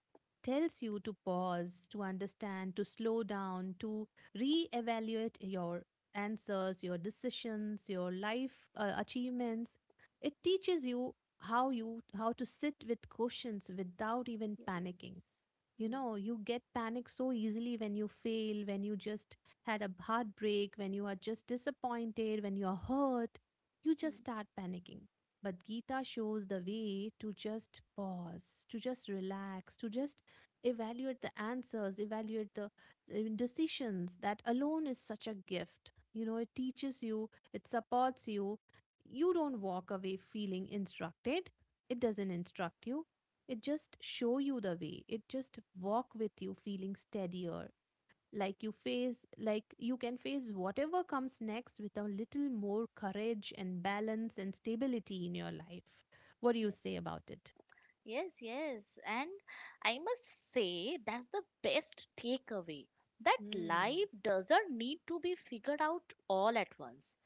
Speaker 2: tells you to pause, to understand, to slow down, to re-evaluate your answers, your decisions, your life achievements. It teaches you how to sit with questions without even
Speaker 1: Yes.
Speaker 2: panicking. You
Speaker 1: Mm,
Speaker 2: know, you get panic so easily when you fail, when you just had a heartbreak, when you are just disappointed, when you are hurt, you just start panicking. But Gita shows the way to just pause, to just relax, to just evaluate the answers, evaluate the decisions. That alone is such a gift. You know, it teaches you, it supports you. You don't walk away feeling instructed. It doesn't instruct you. It just show you the way. It just walk with you feeling steadier, like you face like you can face whatever comes next with a little more courage and balance and stability in your life. What do you
Speaker 1: mm.
Speaker 2: say about it?
Speaker 1: Yes, yes. And I must say that's the best takeaway, that
Speaker 2: Mm.
Speaker 1: life doesn't need to be figured out all at once.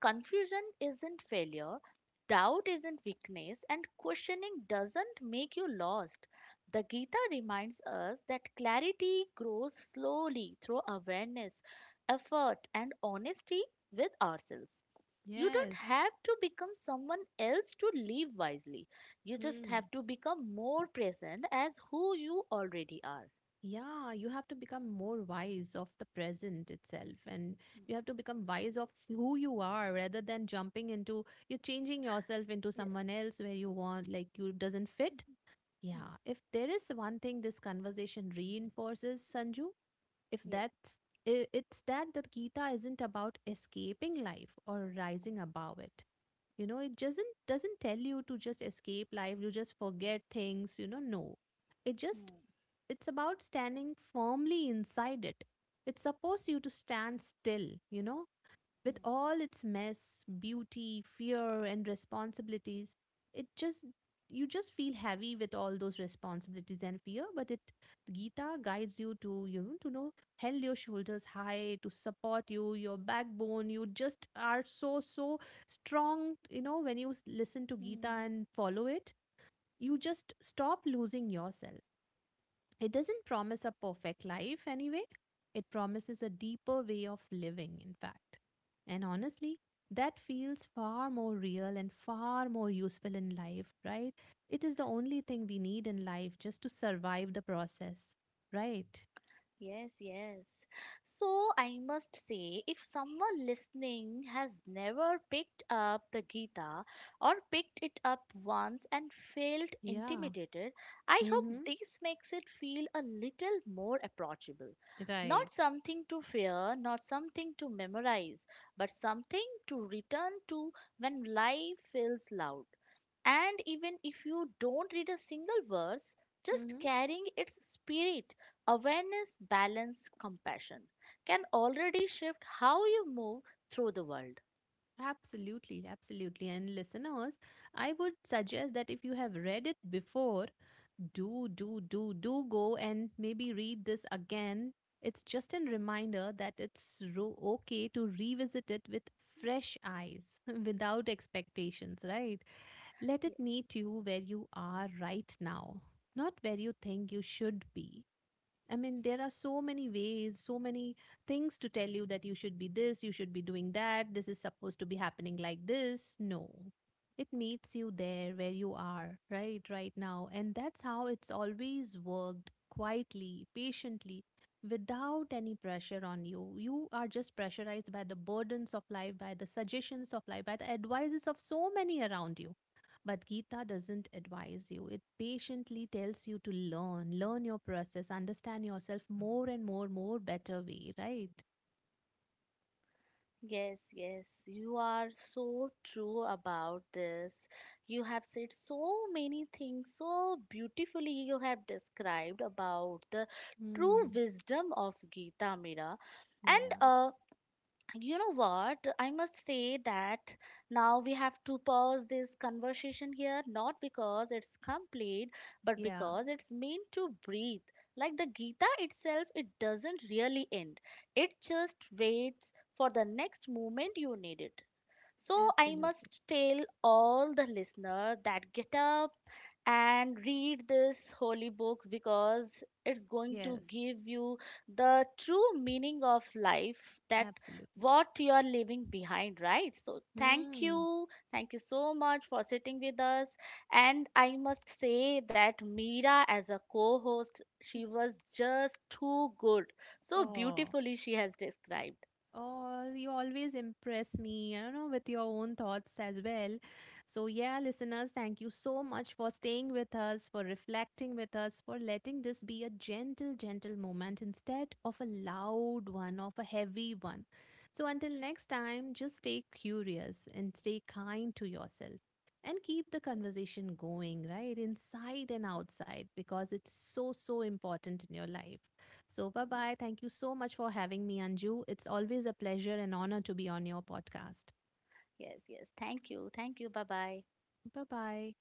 Speaker 1: Confusion isn't failure, doubt isn't weakness, and questioning doesn't make you lost. The Gita reminds us that clarity grows slowly through awareness, effort, and honesty with ourselves. You don't
Speaker 2: Yes.
Speaker 1: have to become someone else to live wisely. You just
Speaker 2: Mm.
Speaker 1: have to become more present as who you already are.
Speaker 2: Yeah, you have to become more wise of the present itself, and you
Speaker 1: Mm.
Speaker 2: have to become wise of who you are rather than jumping into, you're changing yourself into
Speaker 1: Yes.
Speaker 2: someone else where you want, like you doesn't fit.
Speaker 1: Mhm. Mm.
Speaker 2: Yeah, if there is one thing this conversation reinforces, Sanju, if
Speaker 1: Yes.
Speaker 2: that's, I- it's that the Gita isn't about escaping life or rising above it. You know, it doesn't tell you to just escape life, you just forget things, you know, no, it just,
Speaker 1: Mm,
Speaker 2: it's about standing firmly inside it. It supposed you to stand still, you know, with
Speaker 1: mm,
Speaker 2: all its mess, beauty, fear, and responsibilities. It just, you just feel heavy with all those responsibilities and fear, but it Gita guides you to, you know, to know, held your shoulders high, to support you, your backbone, you just are so, so strong, you know, when you listen to Gita
Speaker 1: mm.
Speaker 2: and follow it, you just stop losing yourself. It doesn't promise a perfect life anyway. It promises a deeper way of living, in fact. And honestly, that feels far more real and far more useful in life, right? It is the only thing we need in life, just to survive the process, right?
Speaker 1: Yes, yes. So I must say, if someone listening has never picked up the Gita or picked it up once and felt
Speaker 2: Yeah.
Speaker 1: intimidated, I hope
Speaker 2: Mm-hmm.
Speaker 1: this makes it feel a little more approachable. Not
Speaker 2: Right.
Speaker 1: something to fear, not something to memorize, but something to return to when life feels loud. And even if you don't read a single verse, just
Speaker 2: Mm-hmm.
Speaker 1: carrying its spirit— awareness, balance, compassion— can already shift how you move through the world.
Speaker 2: Absolutely, absolutely. And listeners, I would suggest that if you have read it before, do, do, do, do go and maybe read this again. It's just a reminder that okay to revisit it with fresh eyes, without expectations, right? Let it
Speaker 1: Ye-
Speaker 2: meet you where you are right now, not where you think you should be. I mean, there are so many ways, so many things to tell you that you should be this, you should be doing that, this is supposed to be happening like this. No, it meets you there where you are, right, right now. And that's how it's always worked, quietly, patiently, without any pressure on you. You are just pressurized by the burdens of life, by the suggestions of life, by the advices of so many around you, but Gita doesn't advise you. It patiently tells you to learn, learn your process, understand yourself more and more, more better way, right?
Speaker 1: Yes, yes, you are so true about this. You have said so many things so beautifully. You have described about the true
Speaker 2: Hmm.
Speaker 1: wisdom of Gita, Mira, and
Speaker 2: Yeah.
Speaker 1: uh, you know what? I must say that now we have to pause this conversation here, not because it's complete, but
Speaker 2: Yeah.
Speaker 1: because it's meant to breathe. Like the Gita itself, it doesn't really end, it just waits for the next moment you need it. So I
Speaker 2: Absolutely.
Speaker 1: must tell all the listener that get up and read this holy book because it's going to
Speaker 2: Yes.
Speaker 1: give you the true meaning of life, that
Speaker 2: Absolutely.
Speaker 1: what you are leaving behind, right? So thank
Speaker 2: Hmm.
Speaker 1: you, thank you so much for sitting with us. And I must say that Mira as a co-host, she was just too good. So
Speaker 2: Oh.
Speaker 1: beautifully she has described.
Speaker 2: Oh, you always impress me, I don't know, with your own thoughts as well. So, yeah, listeners, thank you so much for staying with us, for reflecting with us, for letting this be a gentle, gentle moment instead of a loud one, of a heavy one. So, until next time, just stay curious and stay kind to yourself and keep the conversation going, right? Inside and outside, because it's so, so important in your life. So, bye bye. Thank you so much for having me, Anju. It's always a pleasure and honor to be on your podcast.
Speaker 1: Yes, yes, thank you, thank you, bye bye.
Speaker 2: Bye bye.